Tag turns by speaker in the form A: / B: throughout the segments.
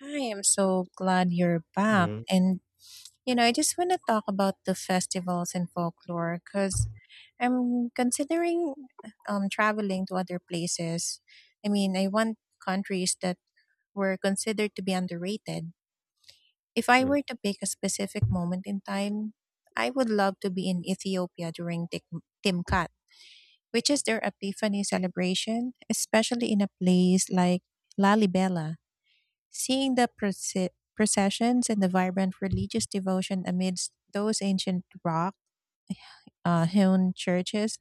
A: Hi, I'm so glad you're back.
B: Mhm.
A: I just want to talk about the festivals and folklore because I'm considering traveling to other places. I mean, I want countries that were considered to be underrated. If I
B: Mm.
A: were to pick a specific moment in time, I would love to be in Ethiopia during Timkat, which is their Epiphany celebration, especially in a place like Lalibela. Seeing the processions and the vibrant religious devotion amidst those ancient rock hewn churches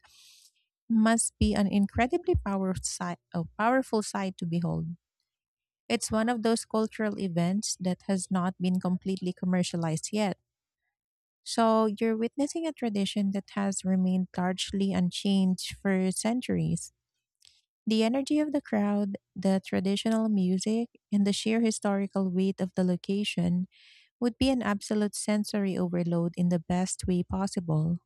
A: must be an incredibly power sight, a powerful sight to behold. It's one of those cultural events that has not been completely commercialized yet. So you're witnessing a tradition that has remained largely unchanged for centuries. The energy of the crowd, the traditional music, and the sheer historical weight of the location would be an absolute sensory overload in the best way possible.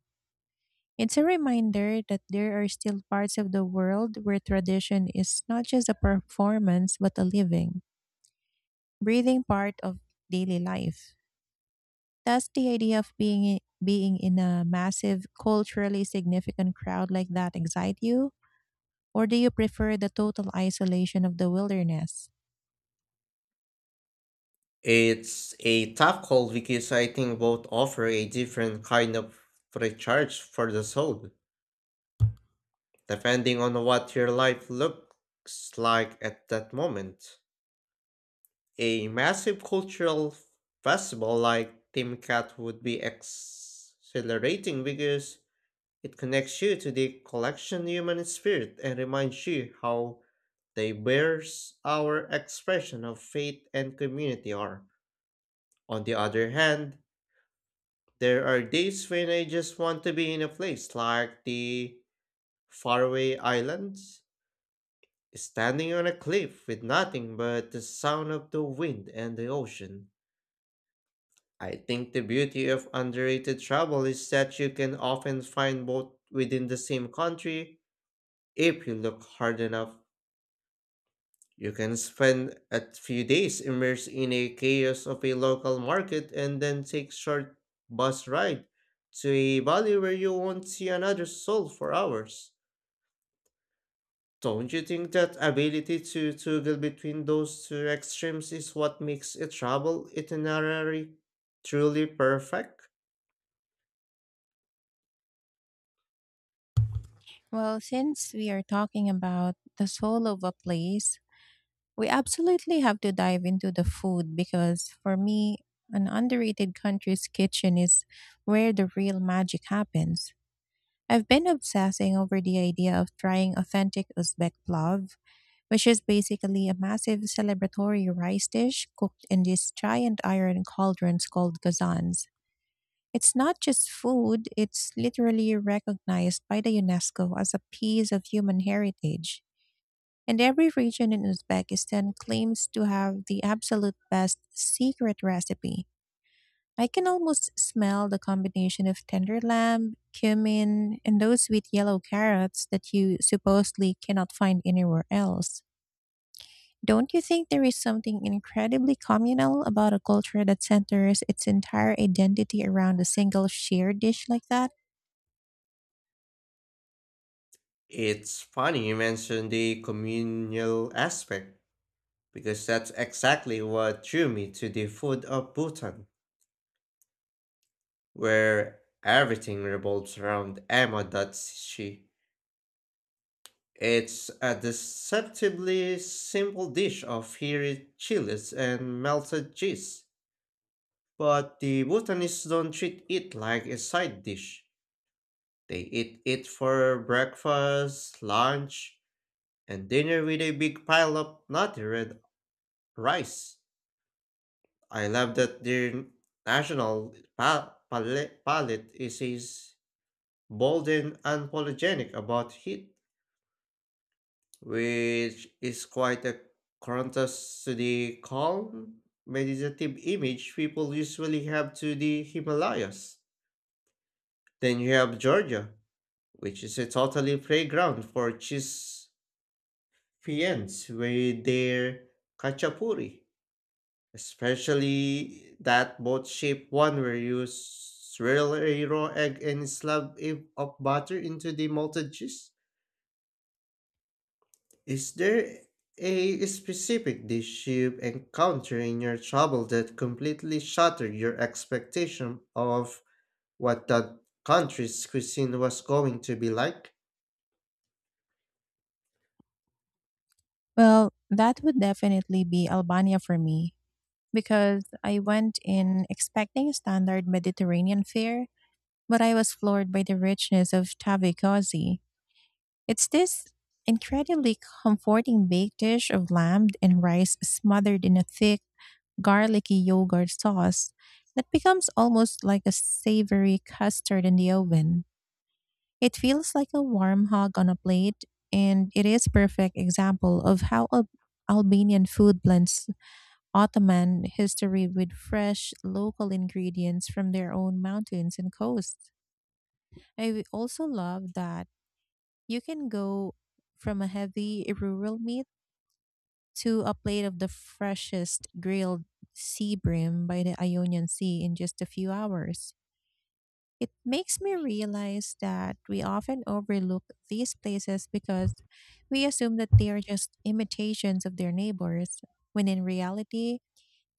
A: It's a reminder that there are still parts of the world where tradition is not just a performance but a living, breathing part of daily life. Thus, the idea of being in a massive, culturally significant crowd like that excite you, or do you prefer the total isolation of the wilderness?
B: It's a tough call because I think both offer a different kind of free charge for the soul, depending on what your life looks like at that moment. A massive cultural festival like Timcat would be exhilarating because it connects you to the collection human spirit and reminds you how diverse our expression of faith and community are. On the other hand, there are days when I just want to be in a place like the faraway islands, standing on a cliff with nothing but the sound of the wind and the ocean. I think the beauty of underrated travel is that you can often find both within the same country if you look hard enough. You can spend a few days immersed in a chaos of a local market and then take short bus ride to a valley where you won't see another soul for hours. Don't you think that ability to toggle between those two extremes is what makes a travel itinerary truly perfect?
A: Well, since we are talking about the soul of a place, we absolutely have to dive into the food because for me, an underrated country's kitchen is where the real magic happens. I've been obsessing over the idea of trying authentic Uzbek plov, which is basically a massive celebratory rice dish cooked in these giant iron cauldrons called gazans. It's not just food, it's literally recognized by the UNESCO as a piece of human heritage. And every region in Uzbekistan claims to have the absolute best secret recipe. I can almost smell the combination of tender lamb, cumin, and those sweet yellow carrots that you supposedly cannot find anywhere else. Don't you think there is something incredibly communal about a culture that centers its entire identity around a single shared dish like that?
B: It's funny you mentioned the communal aspect because that's exactly what drew me to the food of Bhutan, where everything revolves around Emma Datsushi. It's a deceptively simple dish of hairy chilies and melted cheese, but the botanists don't treat it like a side dish. They eat it for breakfast, lunch, and dinner with a big pile of nutty red rice. I love that their national palate is bold and unapologetic about heat, which is quite a contrast to the calm, meditative image people usually have to the Himalayas. Then you have Georgia, which is a totally playground for cheese fiends with their kachapuri, especially that boat shaped one where you swirl a raw egg and slab it of butter into the malted cheese. Is there a specific dish you've encountered in your travel that completely shattered your expectation of what that country's cuisine was going to be like?
A: Well, that would definitely be Albania for me because I went in expecting standard Mediterranean fare, but I was floored by the richness of tavy. It's this incredibly comforting baked dish of lamb and rice smothered in a thick, garlicky yogurt sauce that becomes almost like a savory custard in the oven. It feels like a warm hug on a plate, and it is perfect example of how Albanian food blends Ottoman history with fresh local ingredients from their own mountains and coasts. I also love that you can go from a heavy rural meat to a plate of the freshest grilled sea bream by the Ionian Sea in just a few hours. It makes me realize that we often overlook these places because we assume that they are just imitations of their neighbors, when in reality,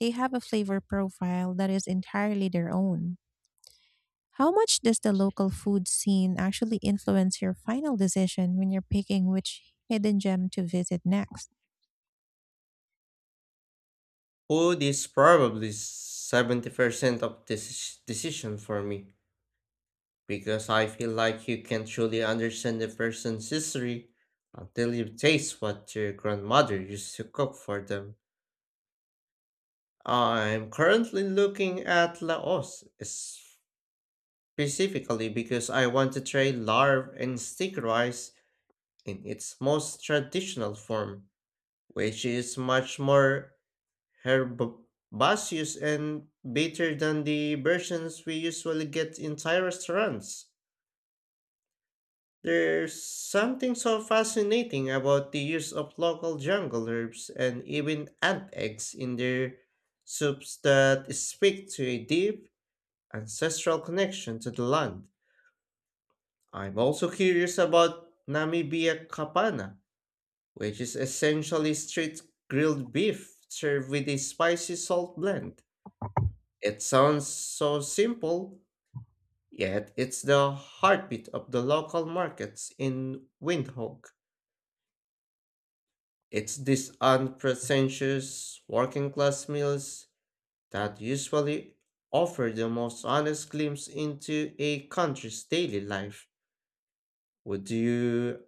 A: they have a flavor profile that is entirely their own. How much does the local food scene actually influence your final decision when you're picking which hidden gem to visit next?
B: Food is probably 70% of this decision for me because I feel like you can truly understand the person's history until you taste what your grandmother used to cook for them. I'm currently looking at Laos, specifically because I want to try larve and stick rice in its most traditional form, which is much more herbaceous and bitter than the versions we usually get in Thai restaurants. There's something so fascinating about the use of local jungle herbs and even ant eggs in their soups that speak to a deep ancestral connection to the land. I'm also curious about Namibia Kapana, which is essentially street grilled beef served with a spicy salt blend. It sounds so simple, yet it's the heartbeat of the local markets in Windhoek. It's these unpretentious working class meals that usually offer the most honest glimpse into a country's daily life. Would you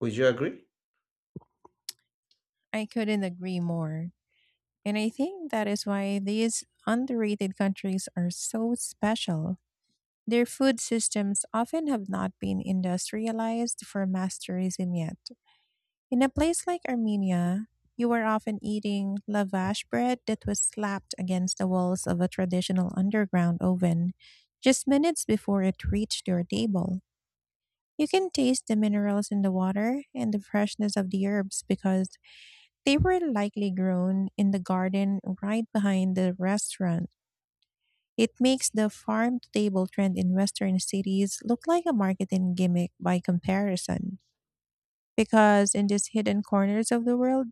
B: would you agree?
A: I couldn't agree more. And I think that is why these underrated countries are so special. Their food systems often have not been industrialized for mass tourism yet. In a place like Armenia, you were often eating lavash bread that was slapped against the walls of a traditional underground oven just minutes before it reached your table. You can taste the minerals in the water and the freshness of the herbs because they were likely grown in the garden right behind the restaurant. It makes the farm to table trend in Western cities look like a marketing gimmick by comparison. Because in these hidden corners of the world,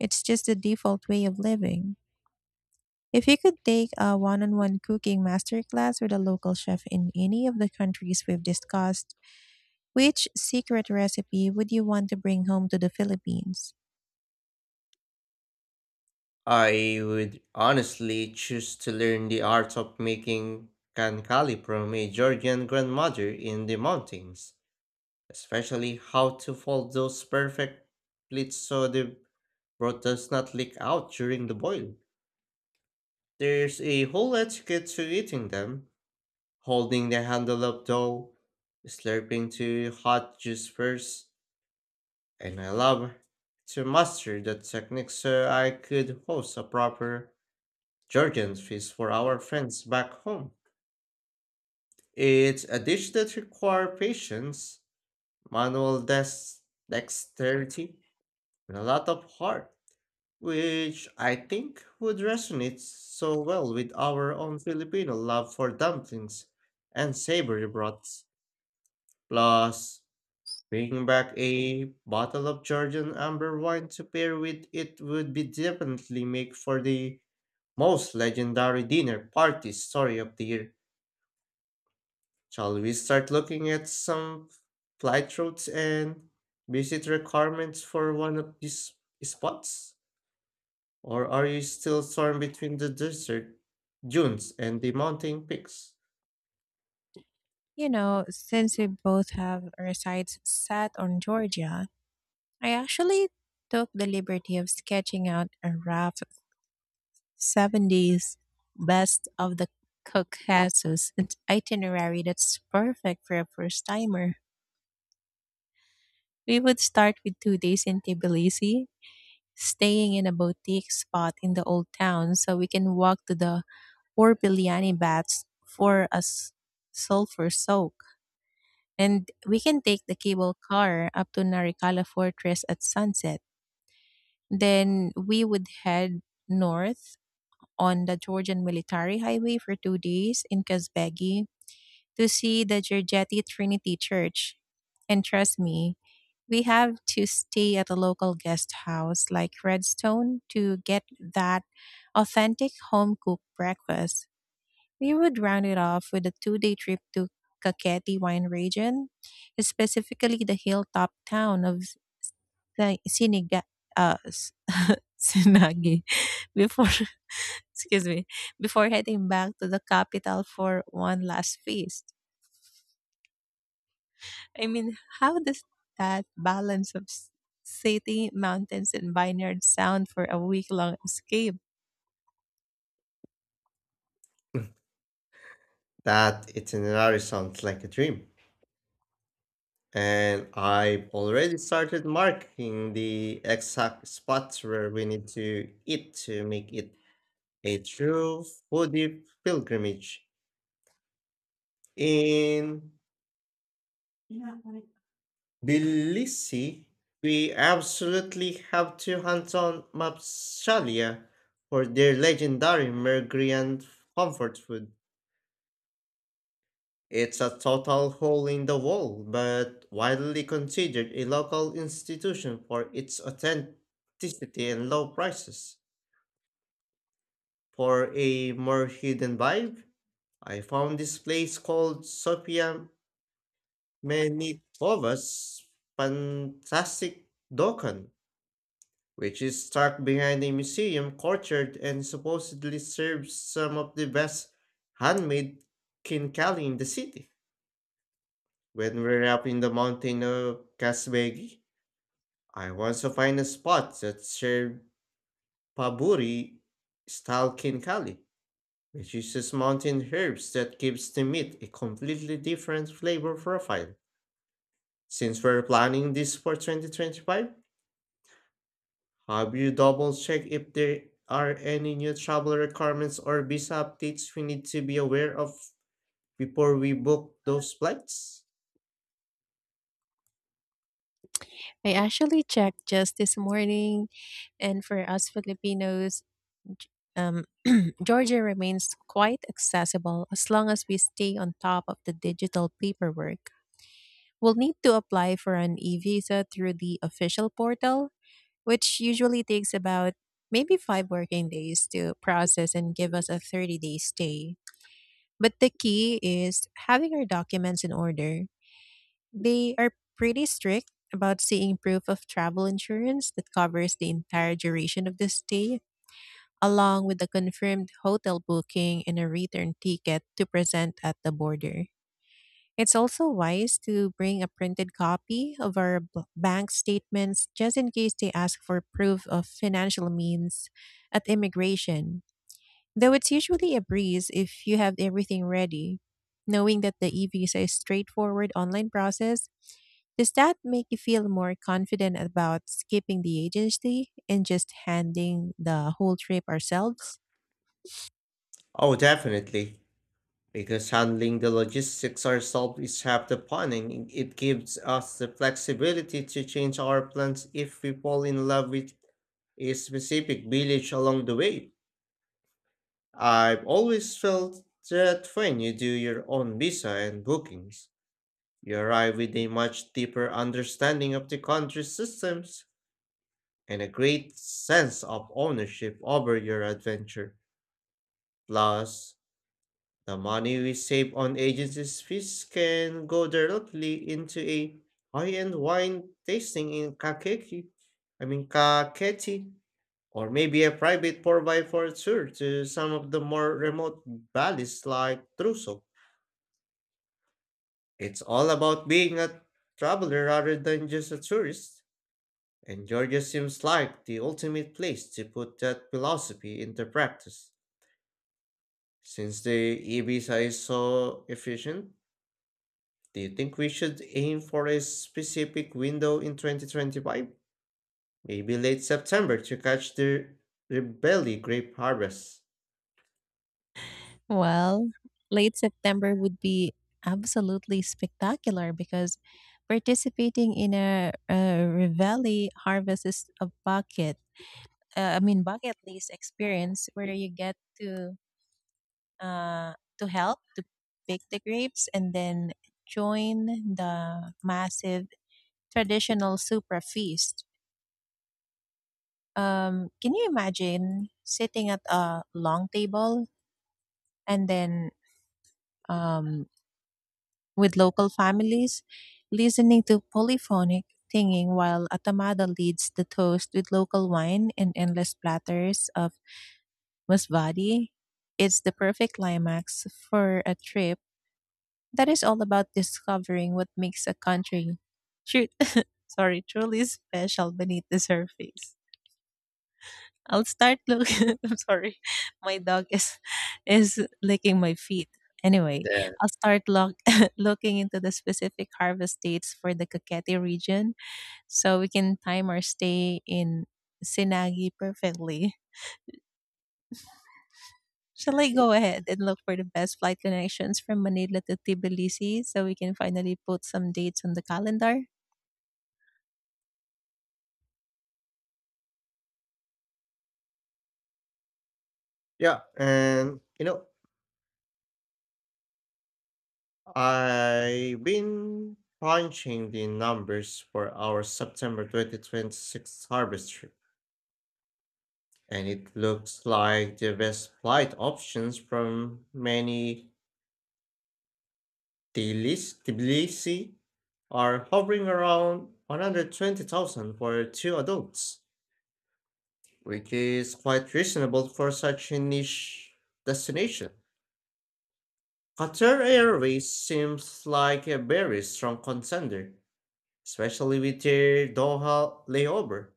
A: it's just the default way of living. If you could take a one on one cooking masterclass with a local chef in any of the countries we've discussed, which secret recipe would you want to bring home to the Philippines?
B: I would honestly choose to learn the art of making kankali from a Georgian grandmother in the mountains, especially how to fold those perfect plates so the broth does not leak out during the boil. There's a whole etiquette to eating them, holding the handle of dough, slurping to hot juice first, and I love to master that technique so I could host a proper Georgian fish for our friends back home. It's a dish that requires patience, manual dex- dexterity, and a lot of heart, which I think would resonate so well with our own Filipino love for dumplings and savory broths. Plus, bringing back a bottle of Georgian amber wine to pair with it would be definitely make for the most legendary dinner party story of the year. Shall we start looking at some flight routes and visit requirements for one of these spots? Or are you still torn between the desert dunes and the mountain peaks?
A: You know, since we both have our sights set on Georgia, I actually took the liberty of sketching out a rough 70s best of the cook Jesus itinerary that's perfect for a first timer. We would start with 2 days in Tbilisi, staying in a boutique spot in the old town so we can walk to the Orbiliani baths for a sulfur soak. And we can take the cable car up to Narikala Fortress at sunset. Then we would head north on the Georgian military highway for 2 days in Kazbegi to see the Giorgetti Trinity Church. And trust me, we have to stay at a local guest house like Redstone to get that authentic home cooked breakfast. We would round it off with a 2 day trip to Kaketi wine region, specifically the hilltop town of the Siniga, S- Sinagi, before, excuse me, before heading back to the capital for one last feast. I mean, how does that balance of city, mountains, and vineyards sound for a week long escape?
B: That itinerary sounds like a dream. And I've already started marking the exact spots where we need to eat to make it a true foodie pilgrimage. In Tbilisi, we absolutely have to hunt on Mapshalia for their legendary Mergrian comfort food. It's a total hole in the wall, but widely considered a local institution for its authenticity and low prices. For a more hidden vibe, I found this place called Sofia Menitova's Fantastic Dokan, which is stuck behind a museum courtyard and supposedly serves some of the best handmade kinkali in the city. When we are up in the mountain of Kasbegi, I want to find a spot that serves paburi style kinkali, which uses mountain herbs that gives the meat a completely different flavor profile. Since we're planning this for 2025, have you double checked if there are any new travel requirements or visa updates we need to be aware of before we book those flights?
A: I actually checked just this morning, and for us Filipinos, G- um, Georgia remains quite accessible as long as we stay on top of the digital paperwork. We'll need to apply for an e visa through the official portal, which usually takes about maybe 5 working days to process and give us a 30-day stay. But the key is having our documents in order. They are pretty strict about seeing proof of travel insurance that covers the entire duration of the stay, along with a confirmed hotel booking and a return ticket to present at the border. It's also wise to bring a printed copy of our bank statements just in case they ask for proof of financial means at immigration. Though it's usually a breeze if you have everything ready. Knowing that the e-visa is a straightforward online process, does that make you feel more confident about skipping the agency and just handing the whole trip ourselves?
B: Oh, definitely. Because handling the logistics ourselves is half the fun, and it gives us the flexibility to change our plans if we fall in love with a specific village along the way. I've always felt that when you do your own visa and bookings, you arrive with a much deeper understanding of the country's systems and a great sense of ownership over your adventure. Plus, the money we save on agencies' fees can go directly into a high-end wine tasting in Kakeki, I mean Kaketi, or maybe a private 4 by 4 tour to some of the more remote valleys like Truso. It's all about being a traveler rather than just a tourist. And Georgia seems like the ultimate place to put that philosophy into practice. Since the e-visa is so efficient, do you think we should aim for a specific window in 2025? Maybe late September to catch the Rebelli grape harvest.
A: Well, late September would be absolutely spectacular because participating in a Revelli Harvest is a bucket, I mean bucket list experience where you get to uh, to help to pick the grapes and then join the massive traditional super feast. Can you imagine sitting at a long table and then um, with local families listening to polyphonic singing while Atamada leads the toast with local wine and endless platters of masbadi? It's the perfect climax for a trip that is all about discovering what makes a country shoot sorry truly special beneath the surface. I'll start look I'm sorry. My dog is licking my feet. Anyway,
B: There.
A: I'll start look, looking into the specific harvest dates for the Cavite region so we can time our stay in Sinagi perfectly. Shall I go ahead and look for the best flight connections from Manila to Tbilisi so we can finally put some dates on the calendar?
B: Yeah, and you know, I've been punching the numbers for our September 2026 harvest, and it looks like the best flight options from many Tbilisi are hovering around 120,000 for two adults, which is quite reasonable for such a niche destination. Qatar Airways seems like a very strong contender, especially with their Doha layover,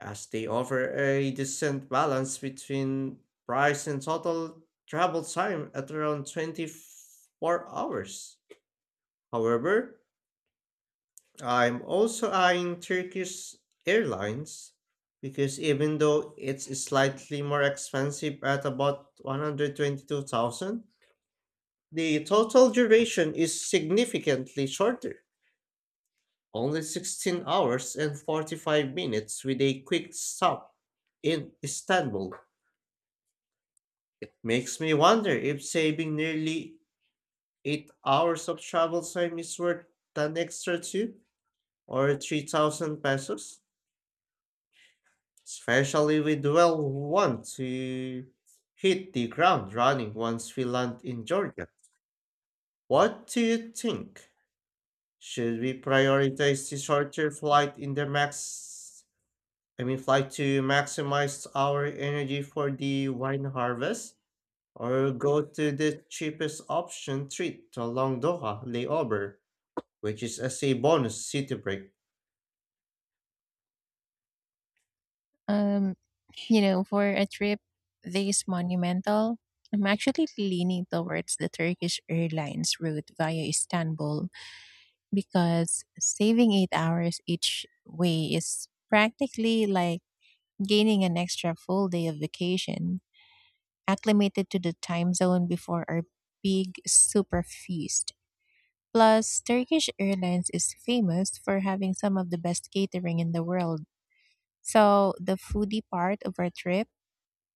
B: as they offer a decent balance between price and total travel time at around 24 hours. However, I'm also eyeing Turkish Airlines because even though it's slightly more expensive at about 122,000, the total duration is significantly shorter, only 16 hours and 45 minutes with a quick stop in Istanbul. It makes me wonder if saving nearly 8 hours of travel time is worth an extra 2 or 3 thousand pesos, especially with well want to hit the ground running once we land in Georgia. What do you think? Should we prioritize the shorter flight in the max? I mean, flight to maximize our energy for the wine harvest? Or go to the cheapest option trip to Long Doha layover, which is as a bonus city break.
A: Um, You know, for a trip this monumental, I'm actually leaning towards the Turkish Airlines route via Istanbul because saving 8 hours each way is practically like gaining an extra full day of vacation, acclimated to the time zone before our big super feast. Plus, Turkish Airlines is famous for having some of the best catering in the world. So, the foodie part of our trip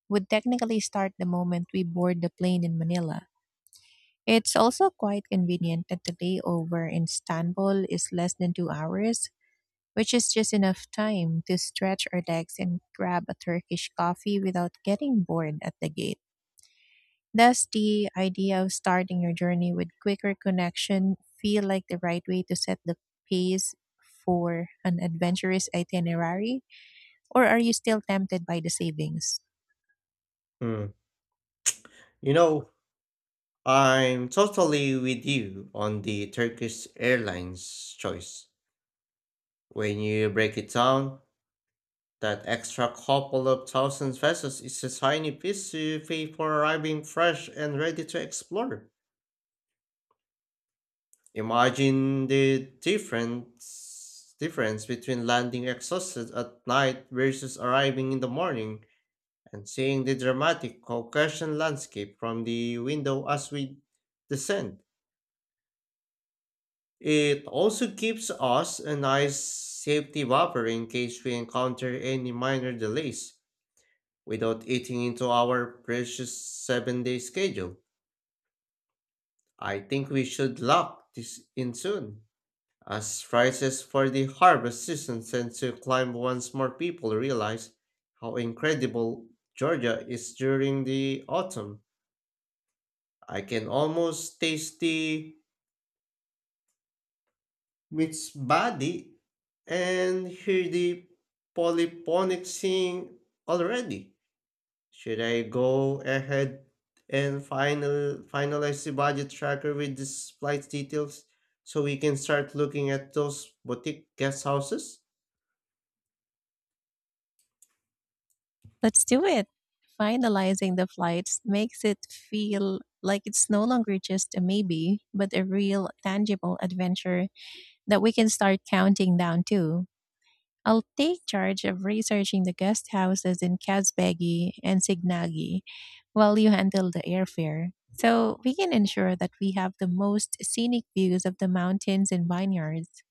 A: would technically start the moment we board the plane in Manila. It's also quite convenient that the layover in Istanbul is less than 2 hours, which is just enough time to stretch our legs and grab a Turkish coffee without getting bored at the gate. Does the idea of starting your journey with quicker connection feel like the right way to set the pace for an adventurous itinerary, or are you still tempted by the savings?
B: Hmm. You know, I'm totally with you on the Turkish Airlines choice. When you break it down, that extra couple of thousand pesos is a tiny piece you pay for arriving fresh and ready to explore. Imagine the difference between landing exhausted at night versus arriving in the morning, and seeing the dramatic Caucasian landscape from the window as we descend. It also gives us a nice safety buffer in case we encounter any minor delays without eating into our precious 7 day schedule. I think we should lock this in soon, as prices for the harvest season tend to climb once more people realize how incredible Georgia is during the autumn. I can almost taste the meat's body and hear the polyphonic sing already. Should I go ahead and finalize the budget tracker with these flight details so we can start looking at those boutique guest houses?
A: Let's do it. Finalizing the flights makes it feel like it's no longer just a maybe, but a real tangible adventure that we can start counting down to. I'll take charge of researching the guest houses in Kazbegi and Signagi while you handle the airfare, so we can ensure that we have the most scenic views of the mountains and vineyards.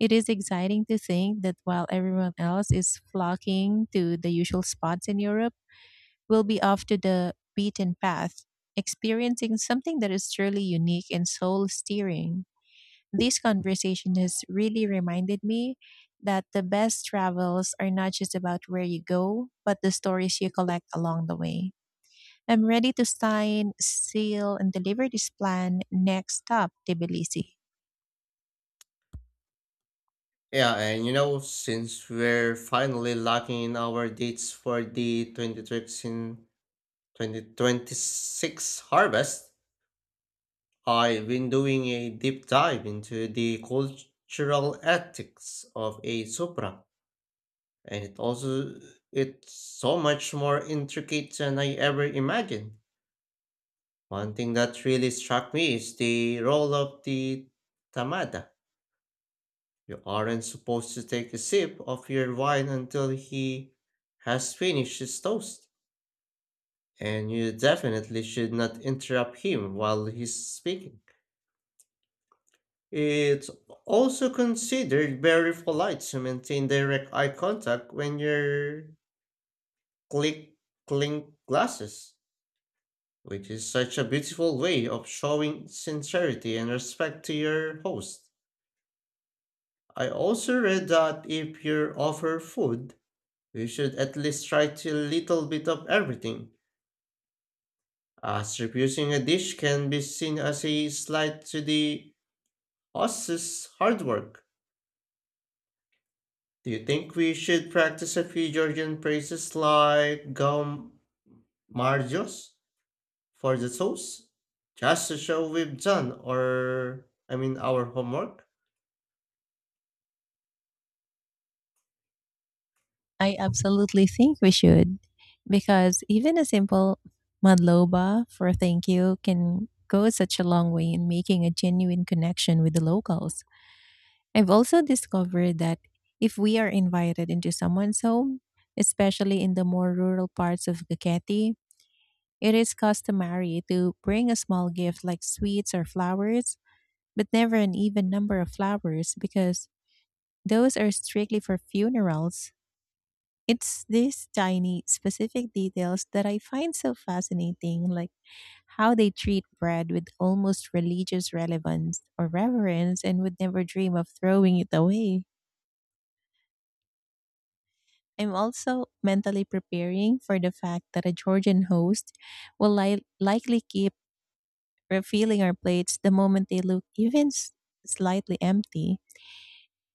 A: It is exciting to think that while everyone else is flocking to the usual spots in Europe, will be off to the beaten path, experiencing something that is truly unique and soul steering. This conversation has really reminded me that the best travels are not just about where you go, but the stories you collect along the way. I'm ready to sign, seal, and deliver this plan. Next stop, Tbilisi.
B: Yeah, and you know, since we're finally locking in our dates for the 2026 harvest, I've been doing a deep dive into the cultural ethics of a Supra, and it also it's so much more intricate than I ever imagined. One thing that really struck me is the role of the Tamada. You aren't supposed to take a sip of your wine until he has finished his toast, and you definitely should not interrupt him while he's speaking. It's also considered very polite to maintain direct eye contact when you're click clink glasses, which is such a beautiful way of showing sincerity and respect to your host. I also read that if you offer food, you should at least try to little bit of everything, as refusing a dish can be seen as a slight to the host's hard work. Do you think we should practice a few Georgian phrases like gum margios for the sauce? Just to show we've done or I mean our homework?
A: I absolutely think we should, because even a simple madloba for thank you can go such a long way in making a genuine connection with the locals. I've also discovered that if we are invited into someone's home, especially in the more rural parts of Ducati, it is customary to bring a small gift like sweets or flowers, but never an even number of flowers because those are strictly for funerals. It's these tiny, specific details that I find so fascinating, like how they treat bread with almost religious relevance or reverence and would never dream of throwing it away. I'm also mentally preparing for the fact that a Georgian host will likely keep refilling our plates the moment they look even slightly empty.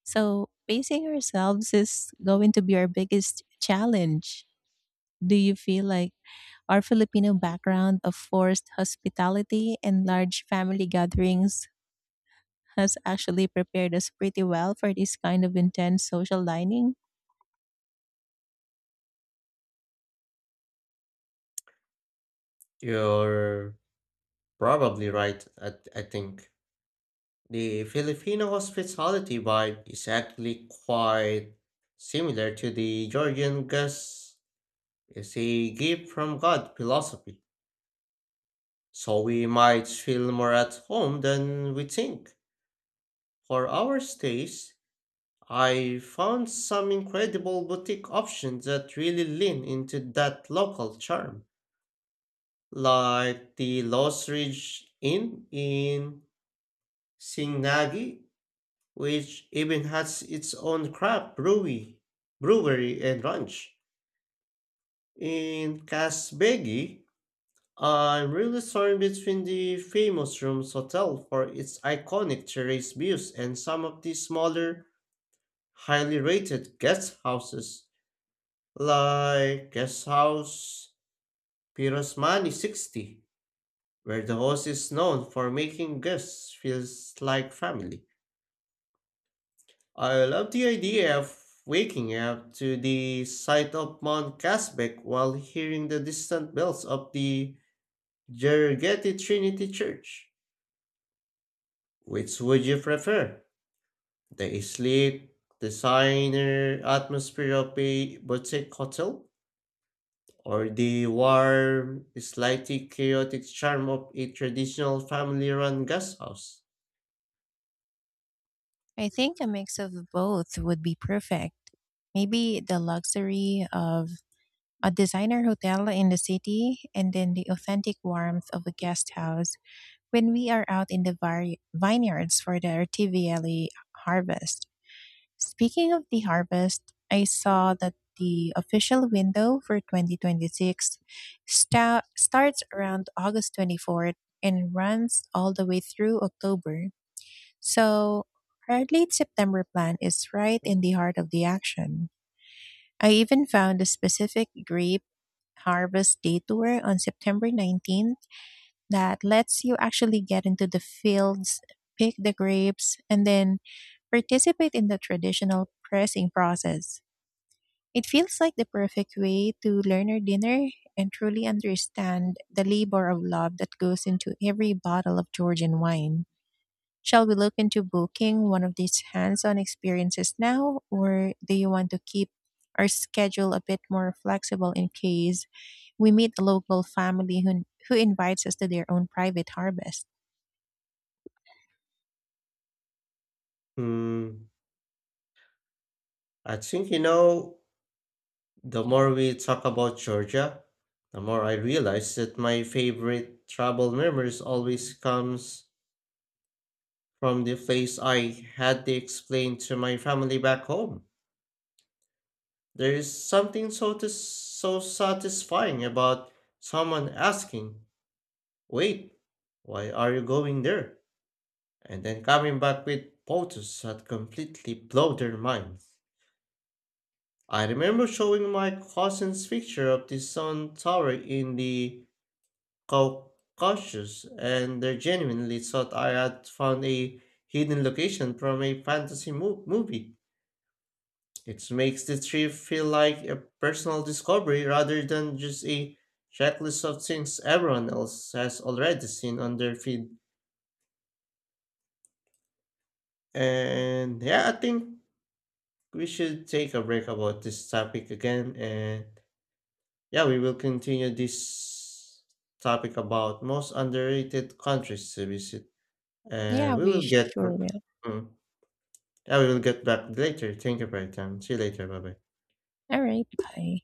A: So, pacing ourselves is going to be our biggest challenge. Do you feel like our Filipino background of forced hospitality and large family gatherings has actually prepared us pretty well for this kind of intense social dining?
B: You're probably right, I think. The Filipino hospitality vibe is actually quite similar to the Georgian guest is a gift from God philosophy. So we might feel more at home than we think. For our stays, I found some incredible boutique options that really lean into that local charm, like the Lost Ridge Inn in Singnagi, which even has its own craft brewery, and ranch. In Kasbegi, I'm really torn between the famous Rooms Hotel for its iconic terrace views and some of the smaller, highly rated guest houses, like guest house Pirosmani 60, where the host is known for making guests feels like family. I love the idea of waking up to the sight of Mount Casbeck while hearing the distant bells of the Gergeti Trinity Church. Which would you prefer? The sleek, designer atmosphere of a boutique hotel? Or the warm, slightly chaotic charm of a traditional family run guest house?
A: I think a mix of both would be perfect. Maybe the luxury of a designer hotel in the city and then the authentic warmth of a guest house when we are out in the vineyards for the artivially harvest. Speaking of the harvest, I saw that the official window for 2026 starts around August 24th and runs all the way through October. So, our late September plan is right in the heart of the action. I even found a specific grape harvest day tour on September 19th that lets you actually get into the fields, pick the grapes, and then participate in the traditional pressing process. It feels like the perfect way to learn our dinner and truly understand the labor of love that goes into every bottle of Georgian wine. Shall we look into booking one of these hands on experiences now, or do you want to keep our schedule a bit more flexible in case we meet a local family who invites us to their own private harvest?
B: Hmm, I think you know, the more we talk about Georgia, the more I realize that my favorite travel memories always comes from the place I had to explain to my family back home. There is something so satisfying about someone asking, "Wait, why are you going there?" And then coming back with photos that completely blow their minds. I remember showing my cousins picture of the sun tower in the Caucasus, and they genuinely thought I had found a hidden location from a fantasy movie. It makes the trip feel like a personal discovery rather than just a checklist of things everyone else has already seen on their feed. And yeah, I think we should take a break about this topic again, and yeah, we will continue this topic about most underrated countries to visit,
A: Yeah,
B: and we
A: we
B: will get
A: sure
B: back—
A: will.
B: mm, yeah, we will get back later. Thank you for your time. See you later. Bye bye.
A: All right, bye.